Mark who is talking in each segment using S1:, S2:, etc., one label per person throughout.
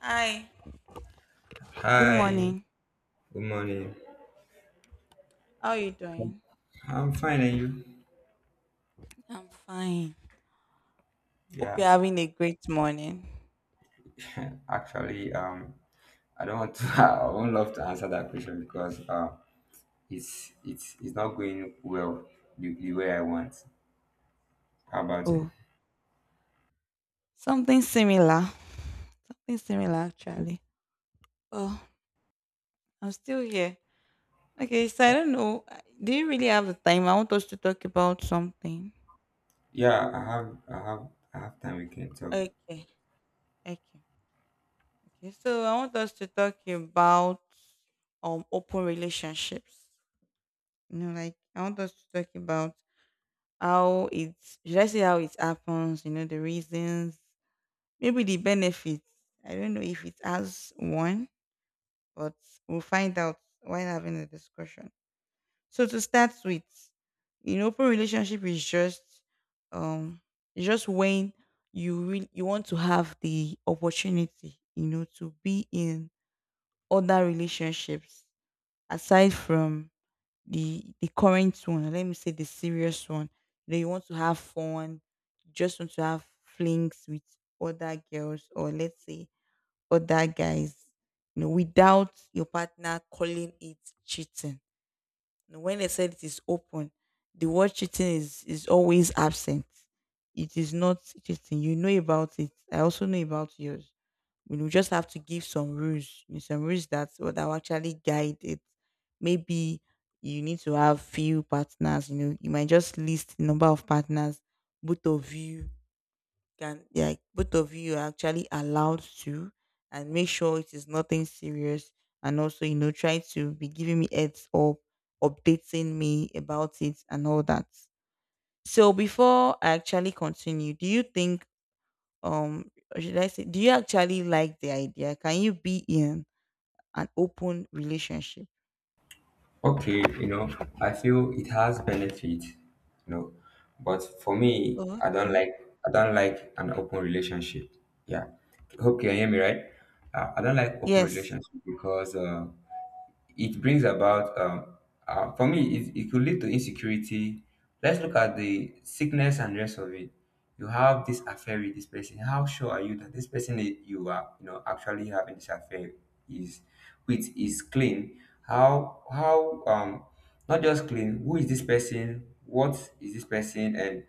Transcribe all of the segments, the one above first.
S1: Hi, good
S2: Hi,
S1: morning.
S2: good morning.
S1: How are you doing?
S2: I'm fine, and you?
S1: I'm fine. Hope you're
S2: Yeah,
S1: having a great morning.
S2: actually, I don't want to. I won't love to answer that question because it's not going well the way I want. How about it?
S1: Oh, something similar. Something similar, actually. Oh, I'm still here. Okay, so I don't know. Do you really have the time? I want us to talk about something.
S2: Yeah, I have time. We can talk.
S1: Okay, okay, okay. So I want us to talk about open relationships. You know, like I want us to talk about how it's should I say how it happens, you know, the reasons. Maybe the benefits. I don't know if it has one, but we'll find out while having the discussion. So to start with, in open relationship is um just when you want to have the opportunity, you know, to be in other relationships aside from the current one, or let me say the serious one. You know, you want to have fun, you just want to have flings with other girls, or let's say other guys. You know, without your partner calling it cheating. You know, when they said it is open, the word cheating is always absent. It is not cheating. You know about it. I also know about yours. You know, we just have to give some rules. You know, some rules that that will actually guide it. Maybe you need to have few partners. You know, you might just list the number of partners both of you can, yeah, both of you are actually allowed to, and make sure it is nothing serious, and also, you know, try to be giving me heads up, updating me about it and all that. So before I actually continue, do you think, or should I say, do you actually like the idea? Can you be in an open relationship?
S2: Okay, you know, I feel it has benefit, you know, but for me,
S1: Oh, okay.
S2: I don't like an open relationship. Yeah, hope you can hear me right. I don't like open
S1: Yes.
S2: relationship because. It brings about for me it could lead to insecurity. Let's look at the sickness and rest of it. You have this affair with this person. How sure are you that this person that you are you know actually having this affair is with is clean? How not just clean, who is this person, what is this person, and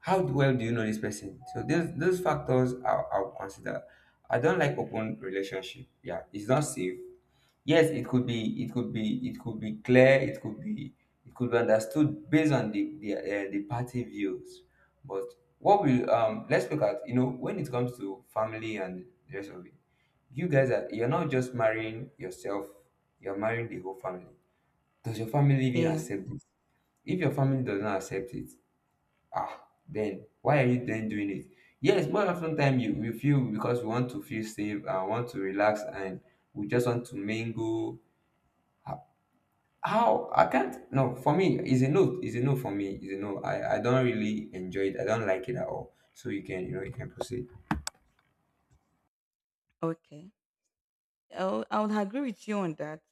S2: how well do you know this person? So those factors I'll consider. I don't like open relationship. Yeah, it's not safe. Yes, it could be clear, it could be understood based on the party views. But what we let's look at, you know, when it comes to family and the rest of it, you guys are you're not just marrying yourself, you're marrying the whole family. Does your family even
S1: Yes.
S2: accept this? If your family does not accept it, ah, then why are you then doing it? Yes, more often time you we feel because we want to feel safe and want to relax and we just want to mingle. How I can't, no, for me is a no, is a no, for me is a no. I don't really enjoy it. I don't like it at all. So you can, you know, you can proceed.
S1: Okay. I would agree with you on that.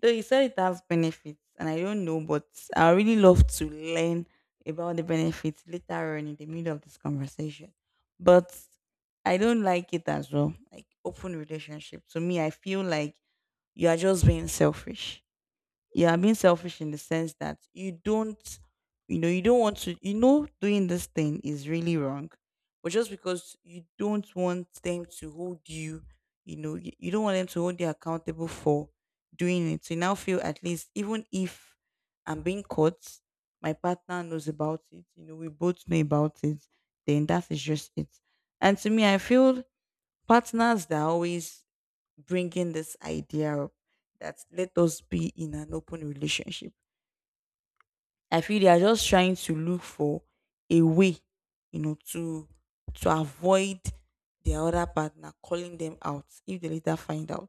S1: Though you said it has benefits, and I don't know, but I really love to learn about the benefits later on in the middle of this conversation. But I don't like it as well. Like open relationship. To me, I feel like you are just being selfish, yeah, I being selfish in the sense that you don't, you know, you don't want to, you know, doing this thing is really wrong, but just because you don't want them to hold you, you know, you don't want them to hold you accountable for doing it. So you now feel at least, even if I'm being caught, my partner knows about it, you know, we both know about it, then that is just it. And to me, I feel partners that are always bringing this idea up, that let us be in an open relationship. I feel they are just trying to look for a way, you know, to avoid their other partner calling them out if they later find out.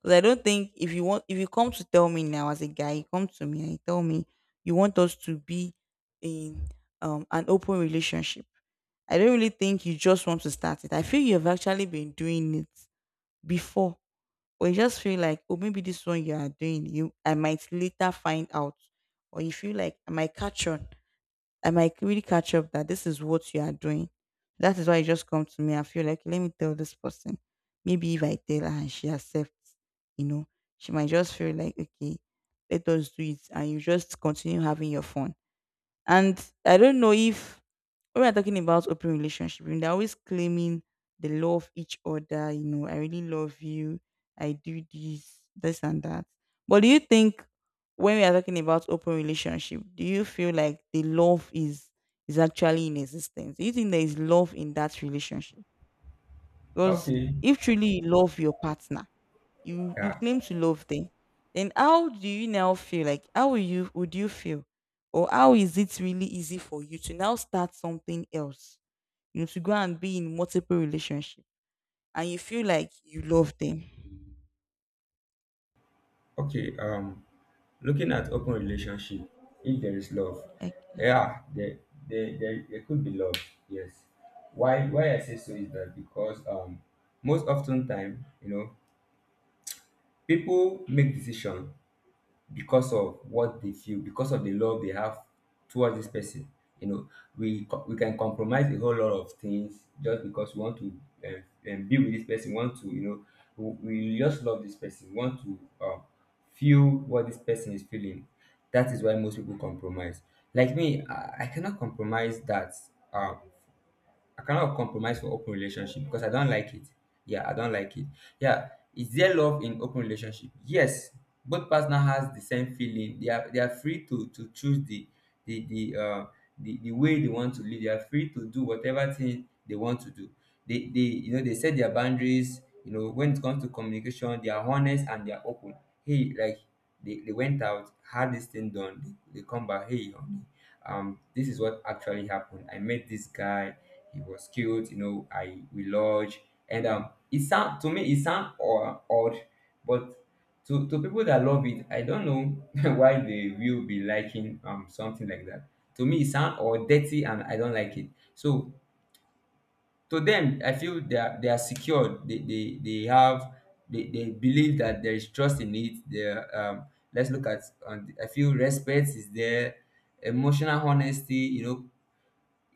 S1: Because I don't think if you want, if you come to tell me now as a guy, you come to me and you tell me you want us to be in, an open relationship. I don't really think you just want to start it. I feel you have actually been doing it before, or you just feel like, oh, maybe this one you are doing, you I might later find out. Or you feel like I might catch on. I might really catch up that this is what you are doing. That is why you just come to me. I feel like, let me tell this person. Maybe if I tell her and she accepts, you know, she might just feel like, okay, let us do it. And you just continue having your fun. And I don't know if when we're talking about open relationship, you know, they're always claiming they love each other, you know, I really love you, I do this, this and that. But do you think when we are talking about open relationship, do you feel like the love is actually in existence? Do you think there is love in that relationship? Because
S2: Okay.
S1: if truly you love your partner, you
S2: Yeah.
S1: claim to love them, then how do you now feel? Like how will you Would you feel? Or how is it really easy for you to now start something else? You have to go and be in multiple relationships, and you feel like you love them.
S2: Okay. Looking at open relationship, if there is love,
S1: Okay.
S2: yeah, there could be love. Yes. Why I say so is that because most often time, you know, people make decision because of what they feel, because of the love they have towards this person. You know, we can compromise a whole lot of things just because we want to um, be with this person. Want to, you know, we just love this person. Want to feel what this person is feeling. That is why most people compromise. Like me, I cannot compromise that. um, I cannot compromise for open relationship because I don't like it. Yeah, I don't like it. Yeah, is there love in open relationship? Yes, both partner has the same feeling. They are free to choose the the uh the way they want to live. They are free to do whatever thing they want to do. They you know they set their boundaries. You know when it comes to communication, they are honest and they are open. Hey, like they went out, had this thing done. They come back. Hey, honey, this is what actually happened. I met this guy, he was cute, you know. I we lodge, and it sound to me, it sound or odd, but to people that love it, I don't know why they will be liking something like that. To me, it sound or dirty, and I don't like it. So to them, I feel they are secured. They have they believe that there is trust in it. There let's look at I feel respect is there, emotional honesty, you know,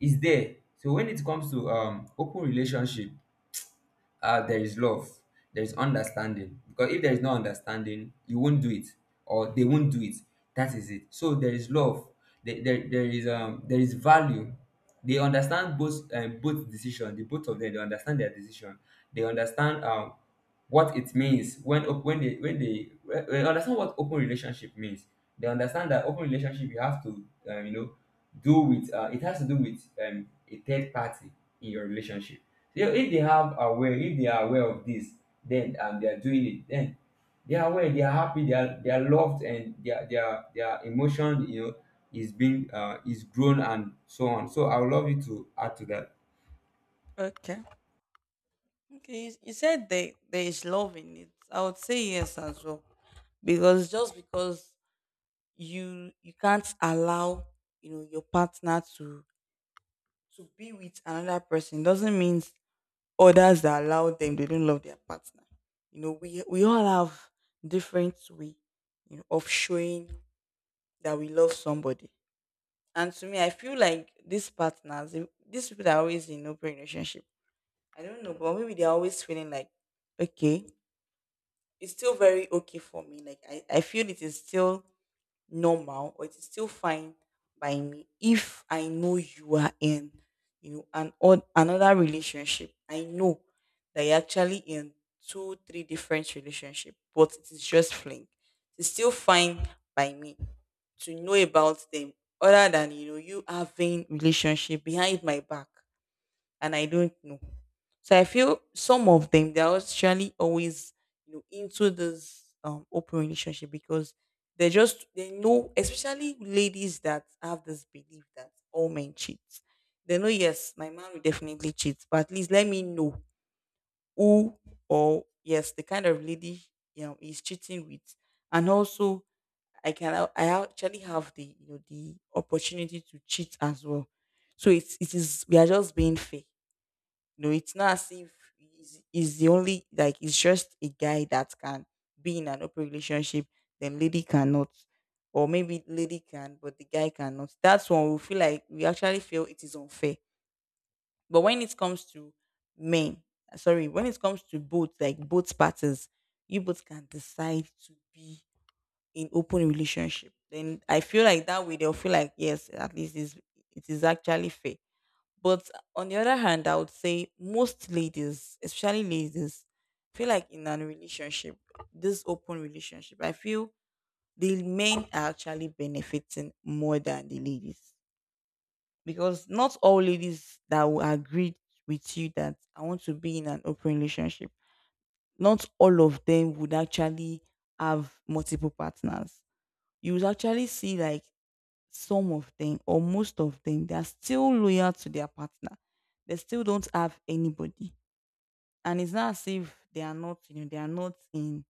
S2: is there. So when it comes to open relationship there is love, there is understanding. Because if there is no understanding, you won't do it, or they won't do it. That is it. So there is love. There is there is value. They understand both both decision. The both of them they understand their decision. They understand what it means when they understand what open relationship means. They understand that open relationship you have to you know do with it has to do with a third party in your relationship. You know, if they are aware of this, then and they are doing it, then they are aware, they are happy, they are loved, and their emotion, you know, is grown and so on. So I would love you to add to that.
S1: Okay. Okay. You said there is love in it. I would say yes as well. Because just because you can't allow, you know, your partner to be with another person doesn't mean others that allow them they don't love their partner. You know, we all have different way, you know, of showing that we love somebody. And to me, I feel like these partners, these people that are always in open relationship, I don't know, but maybe they're always feeling like, okay, it's still very okay for me. Like I feel it is still normal, or it is still fine by me if I know you are in, you know, an odd another relationship. I know that you're actually in two, three different relationship, but it is just fling. It's still fine by me to know about them, other than, you know, you having relationship behind my back, and I don't know. So I feel some of them they're actually always, you know, into this open relationship because they know, especially ladies that have this belief that all men cheat. They know, yes, my man will definitely cheat, but at least let me know who, or yes, the kind of lady, you know, he's cheating with, and also I actually have the, you know, the opportunity to cheat as well. So it is we are just being fair. No, it's not as if he's the only, like it's just a guy that can be in an open relationship, then lady cannot. Or maybe lady can, but the guy cannot. That's when we feel like we actually feel it is unfair. But when it comes to men, sorry, when it comes to both, like both parties, you both can decide to be in open relationship. Then I feel like that way they'll feel like yes, at least is it is actually fair. But on the other hand, I would say most ladies, especially ladies, feel like in a relationship, this open relationship, I feel the men are actually benefiting more than the ladies. Because not all ladies that will agree with you that I want to be in an open relationship, not all of them would actually have multiple partners. You would actually see like some of them or most of them, they are still loyal to their partner. They still don't have anybody. And it's not as if they are not, you know, they are not in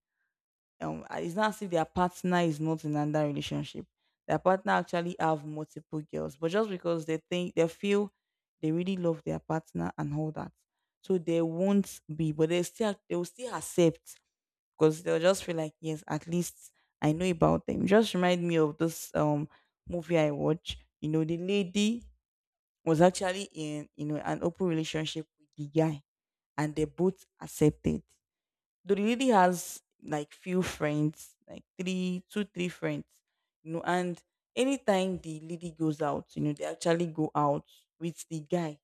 S1: it's not as if their partner is not in another relationship. Their partner actually have multiple girls, but just because they think they feel they really love their partner and all that. So they won't be, but they will still accept because they'll just feel like yes at least I know about them. Just remind me of this movie I watch. You know, the lady was actually in, you know, an open relationship with the guy, and they both accepted. Though the lady has like few friends, like three two three friends, you know, and anytime the lady goes out, you know, they actually go out with the guy.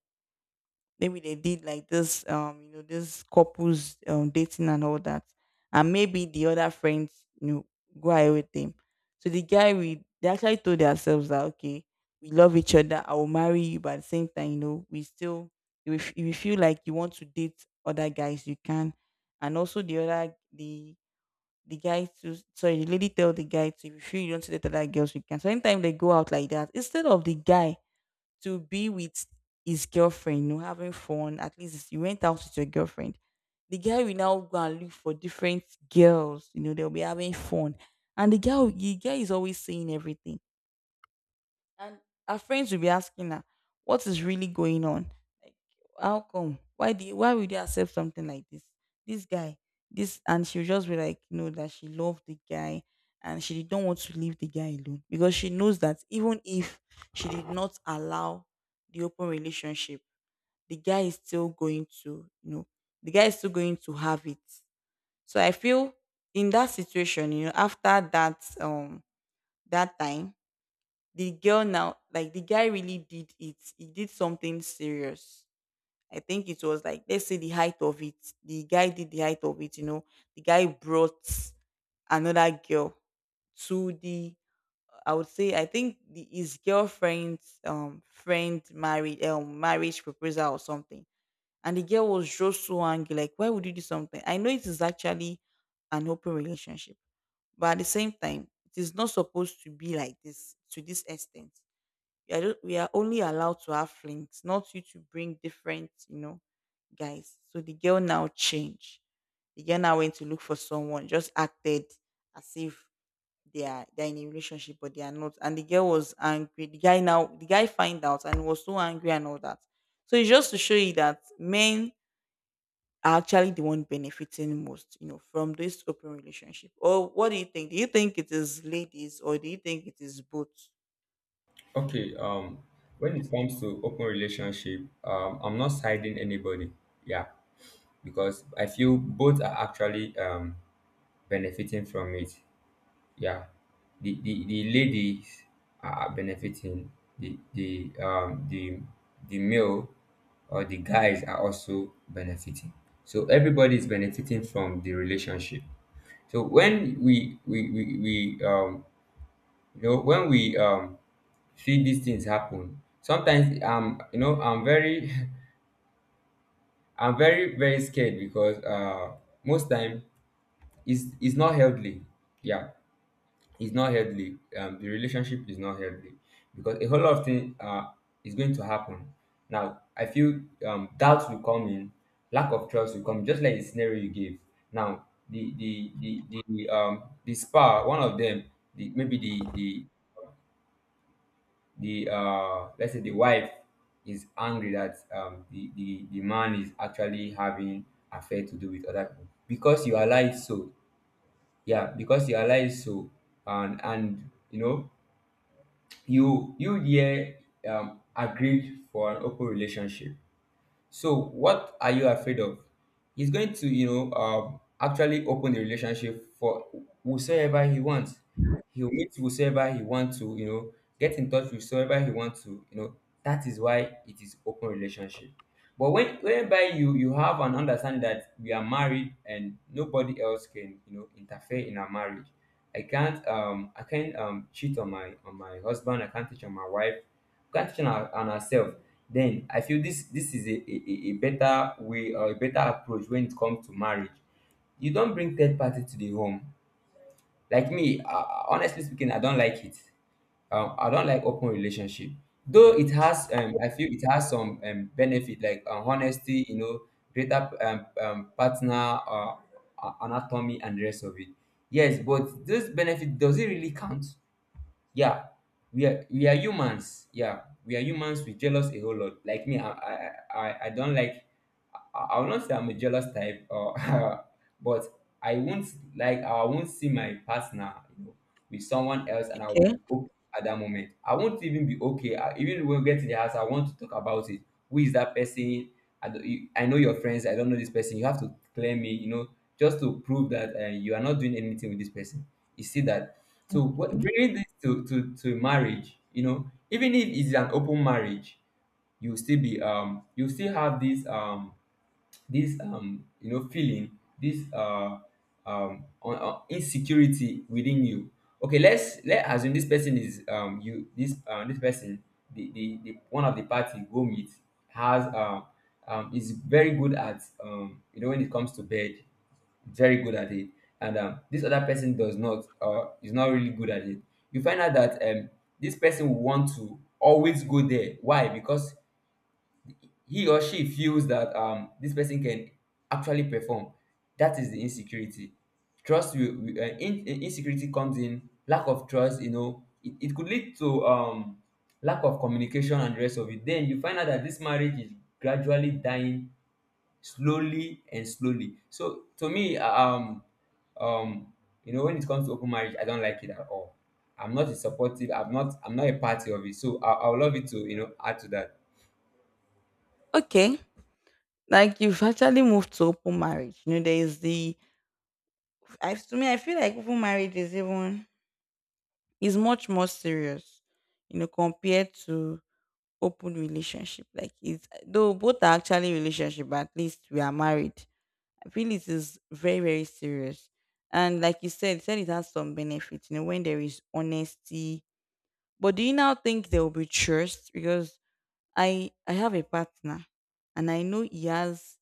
S1: Maybe they did like this, you know, this couples dating and all that, and maybe the other friends, you know, go ahead with them. So the guy we they actually told themselves that, okay, we love each other, I will marry you, but at the same time, you know, we still, if you feel like you want to date other guys, you can. And also the guy to, sorry, the lady tell the guy to, if you feel you want to date other girls, you can. So anytime they go out like that, instead of the guy to be with his girlfriend, you know, having fun. At least you went out with your girlfriend. The guy will now go and look for different girls, you know, they'll be having fun. And the girl, the guy is always saying everything. And her friends will be asking her, what is really going on? Like, how come? Why would you accept something like this? This guy, this, and she'll just be like, no, that she loved the guy, and she did not want to leave the guy alone, because she knows that even if she did not allow the open relationship, the guy is still going to, you know, the guy is still going to have it. So I feel in that situation, after that time, the girl now like the guy really did it. He did something serious. I think it was like, let's say, the height of it. The guy did the height of it. The guy brought another girl to the, I would say, I think his girlfriend's friend married marriage proposal or something. And the girl was just so angry, like, why would you do something? I know it is actually an open relationship, but at the same time it is not supposed to be like this, to this extent. I don't, we are only allowed to have flings, not you to bring different, guys. So the girl now changed. The girl now went to look for someone, just acted as if they're in a relationship, but they are not. And the girl was angry. The guy find out and was so angry and all that. So it's just to show you that men are actually the one benefiting most, you know, from this open relationship. Or what do you think? Do you think it is ladies or do you think it is both?
S2: Okay. When it comes to open relationship, I'm not siding anybody. Yeah, because I feel both are actually benefiting from it. Yeah, the ladies are benefiting, the the um the the male or the guys are also benefiting. So everybody is benefiting from the relationship. So when we you know when we see these things happen sometimes you know I'm very I'm very very scared because most time it's not healthy. Yeah, it's not healthy. The relationship is not healthy because a whole lot of things is going to happen. Now, I feel doubt will come in, lack of trust will come, just like the scenario you gave. Now, one of them, the maybe the let's say the wife is angry that the man is actually having affair to do with other people because you allow it so, yeah, because you allow it so, and you know you there agreed for an open relationship, so what are you afraid of? He's going to, you know, actually open the relationship for whosoever he wants. He'll meet whosoever he wants to, you know, get in touch with whosoever he wants to, you know. That is why it is open relationship. But when whereby you have an understanding that we are married and nobody else can, you know, interfere in our marriage. I can't cheat on my husband, I can't cheat on my wife, catching on ourselves, then I feel this is a, a better way or a better approach when it comes to marriage. You don't bring third party to the home. Like me honestly speaking, I don't like it. Um, I don't like open relationship. Though it has I feel it has some benefit like honesty, you know, greater partner anatomy and the rest of it. Yes, but those benefit does it really count? Yeah, we are humans. Yeah, we are humans, we jealous a whole lot. Like me, I don't like, I will not say I'm a jealous type, or but I won't like, I won't see my partner, you know, with someone else, and I'll
S1: Okay.
S2: be okay at that moment. I won't even be okay. I, even when we get to the house, I want to talk about it. Who is that person? I know your friends. I don't know this person. You have to clear me, you know, just to prove that you are not doing anything with this person. You see that? So what, bringing this to, to marriage, you know, even if it's an open marriage, you still be you still have this this you know feeling this insecurity within you. Okay, let's let assume this person is you this this person, the one of the party go meet has um is very good at um, you know, when it comes to bed. Very good at it. And this other person does not is not really good at it. You find out that this person will want to always go there. Why? Because he or she feels that this person can actually perform. That is the insecurity. Trust will- in, insecurity comes in lack of trust. You know, it could lead to lack of communication and the rest of it. Then you find out that this marriage is gradually dying slowly and slowly. So to me, um, you know, when it comes to open marriage, I don't like it at all. I'm not a supportive. I'm not. I'm not a party of it. So I would love it to, you know, add to that.
S1: Okay. Like, you've actually moved to open marriage. You know, there is the, I to me I feel like open marriage is even is much more serious, you know, compared to open relationship. Like, it's though both are actually relationship, but at least we are married. I feel it is very, very serious. And like you said it has some benefits, you know, when there is honesty. But do you now think there will be trust? Because I have a partner and I know he has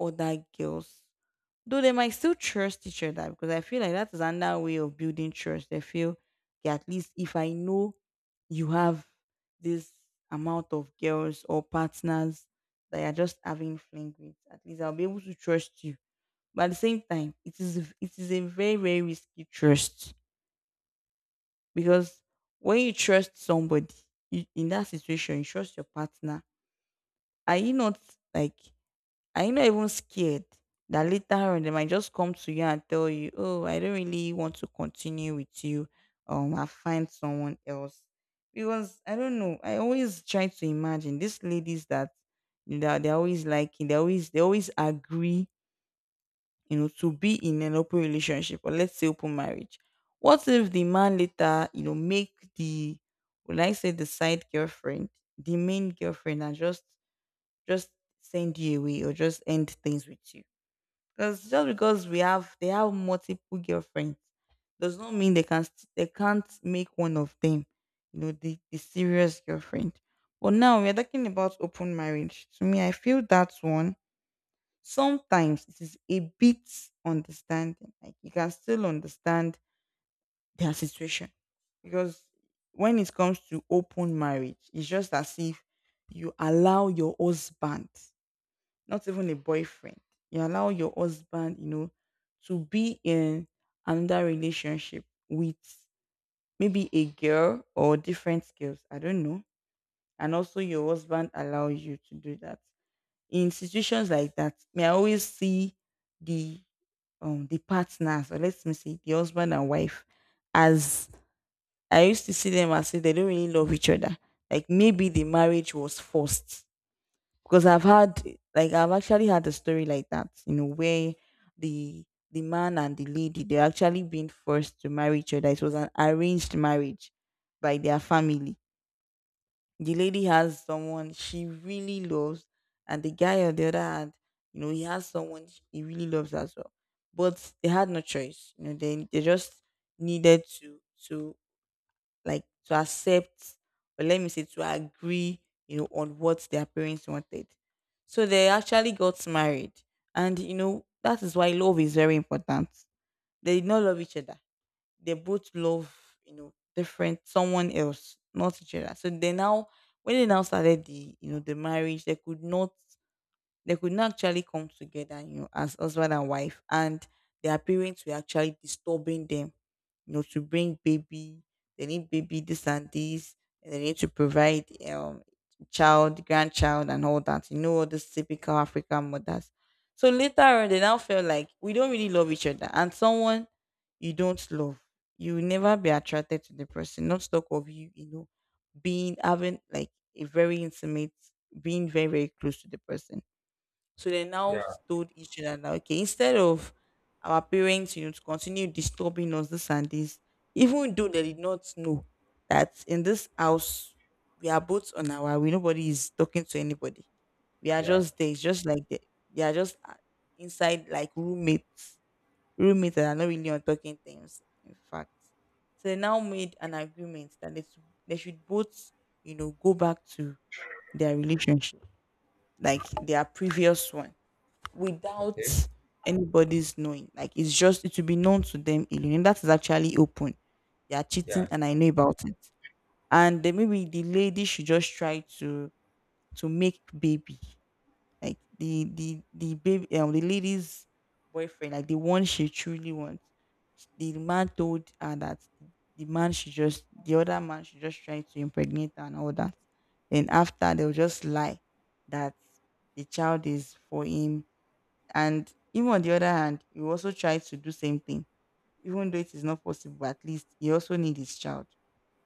S1: other girls. Though they might still trust each other, because I feel like that is another way of building trust. They feel, okay, at least if I know you have this amount of girls or partners that you're just having fling with, at least I'll be able to trust you. But at the same time, it is a very, very risky trust, because when you trust somebody, you, in that situation, you trust your partner. Are you not, like, are you not even scared that later on they might just come to you and tell you, "Oh, I don't really want to continue with you. I find someone else." Because I don't know. I always try to imagine these ladies that, you know, that they're always liking. They always agree, you know, to be in an open relationship, or let's say open marriage. What if the man later, you know, make the, will I say, the side girlfriend, the main girlfriend, and just send you away or just end things with you? Because just because we have they have multiple girlfriends does not mean they can st- they can't make one of them, you know, the serious girlfriend. But now we're talking about open marriage. To me, I feel that's one. Sometimes it is a bit understanding. Like, you can still understand their situation. Because when it comes to open marriage, it's just as if you allow your husband, not even a boyfriend. You allow your husband, you know, to be in another relationship with maybe a girl or different girls. I don't know. And also your husband allows you to do that. In situations like that, may I always see the the partners, or let me say the husband and wife, as I used to see them as if they don't really love each other. Like, maybe the marriage was forced, because I've had, like, I've actually had a story like that, you know, where the the man and the lady, they're actually being forced to marry each other. It was an arranged marriage by their family. The lady has someone she really loves, and the guy on the other hand, you know, he has someone he really loves as well. But they had no choice, you know. They just needed to, like, to accept, or let me say to agree, you know, on what their parents wanted. So they actually got married. And you know that is why love is very important. They did not love each other. They both love, you know, different someone else, not each other. So they now, when they now started the, you know, the marriage, they could not, they could not actually come together, you know, as husband and wife. And their parents were actually disturbing them, you know, to bring baby. They need baby, this and this. And they need to provide child, grandchild, and all that. You know, all these typical African mothers. So later on, they now felt like, we don't really love each other, and someone you don't love, you will never be attracted to the person. Not talk of you, you know, being having like a very intimate, being very, very close to the person. So they now
S2: Yeah.
S1: told each other that, okay, instead of our parents, you know, to continue disturbing us, this and this, even though they did not know that in this house we are both on our way, nobody is talking to anybody. We are
S2: Yeah.
S1: just there. It's just like they are just inside like roommates, roommates that are not really on talking terms. In fact, so they now made an agreement that they should- they should both, you know, go back to their relationship, like their previous one, without
S2: Okay.
S1: anybody's knowing. Like, it's just it will be known to them alone. And that is actually open. They are cheating
S2: Yeah,
S1: and I know about it. And then maybe the lady should just try to make baby. Like, the baby the lady's boyfriend, like the one she truly wants. The man told her that the other man should just try to impregnate her and all that. Then after they'll just lie that the child is for him. And even on the other hand, you also try to do same thing, even though it is not possible. At least you also need his child.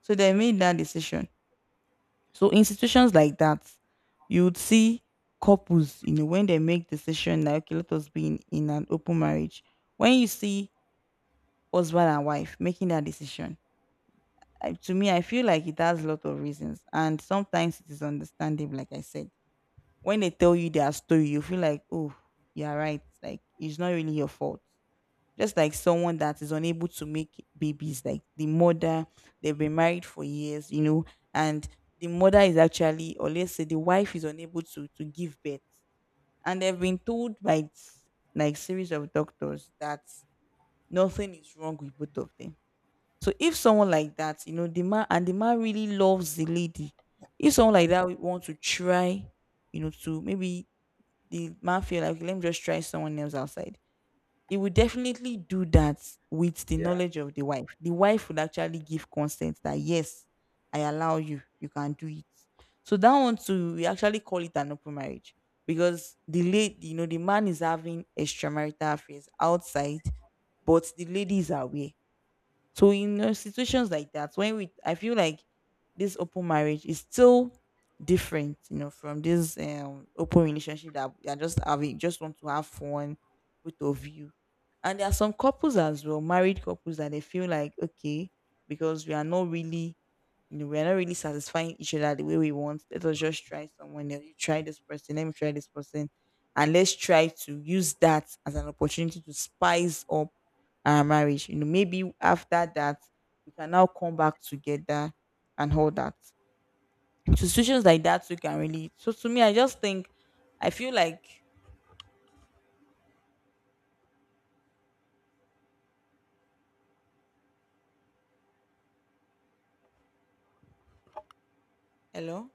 S1: So they made that decision. So in situations like that, you would see couples, you know, when they make decision like, okay, let us be in an open marriage. When you see husband and wife making that decision, I, to me, I feel like it has a lot of reasons, and sometimes it is understandable. Like I said, when they tell you their story, you feel like, oh, you're right. Like, it's not really your fault. Just like someone that is unable to make babies, like the mother, they've been married for years, you know, and the mother is actually, or let's say the wife is unable to give birth, and they've been told by s- like series of doctors that nothing is wrong with both of them. So if someone like that, you know, the man, and the man really loves the lady, if someone like that would want to try, you know, to maybe the man feel like, "Okay, let me just try someone else outside," he would definitely do that with the
S2: yeah.
S1: knowledge of the wife. The wife would actually give consent that, yes, I allow you, you can do it. So that one too, we actually call it an open marriage, because the lady, you know, the man is having extramarital affairs outside, but the lady is aware. So in situations like that, when we, I feel like this open marriage is still different, you know, from this open relationship that you are just having, just want to have fun, both of you. And there are some couples as well, married couples, that they feel like, okay, because we are not really, you know, we're not really satisfying each other the way we want. Let us just try someone else. You try this person, let me try this person. And let's try to use that as an opportunity to spice up our marriage. You know, maybe after that, we can now come back together and all that. So situations like that, you can really. So to me, I just think, I feel like, hello?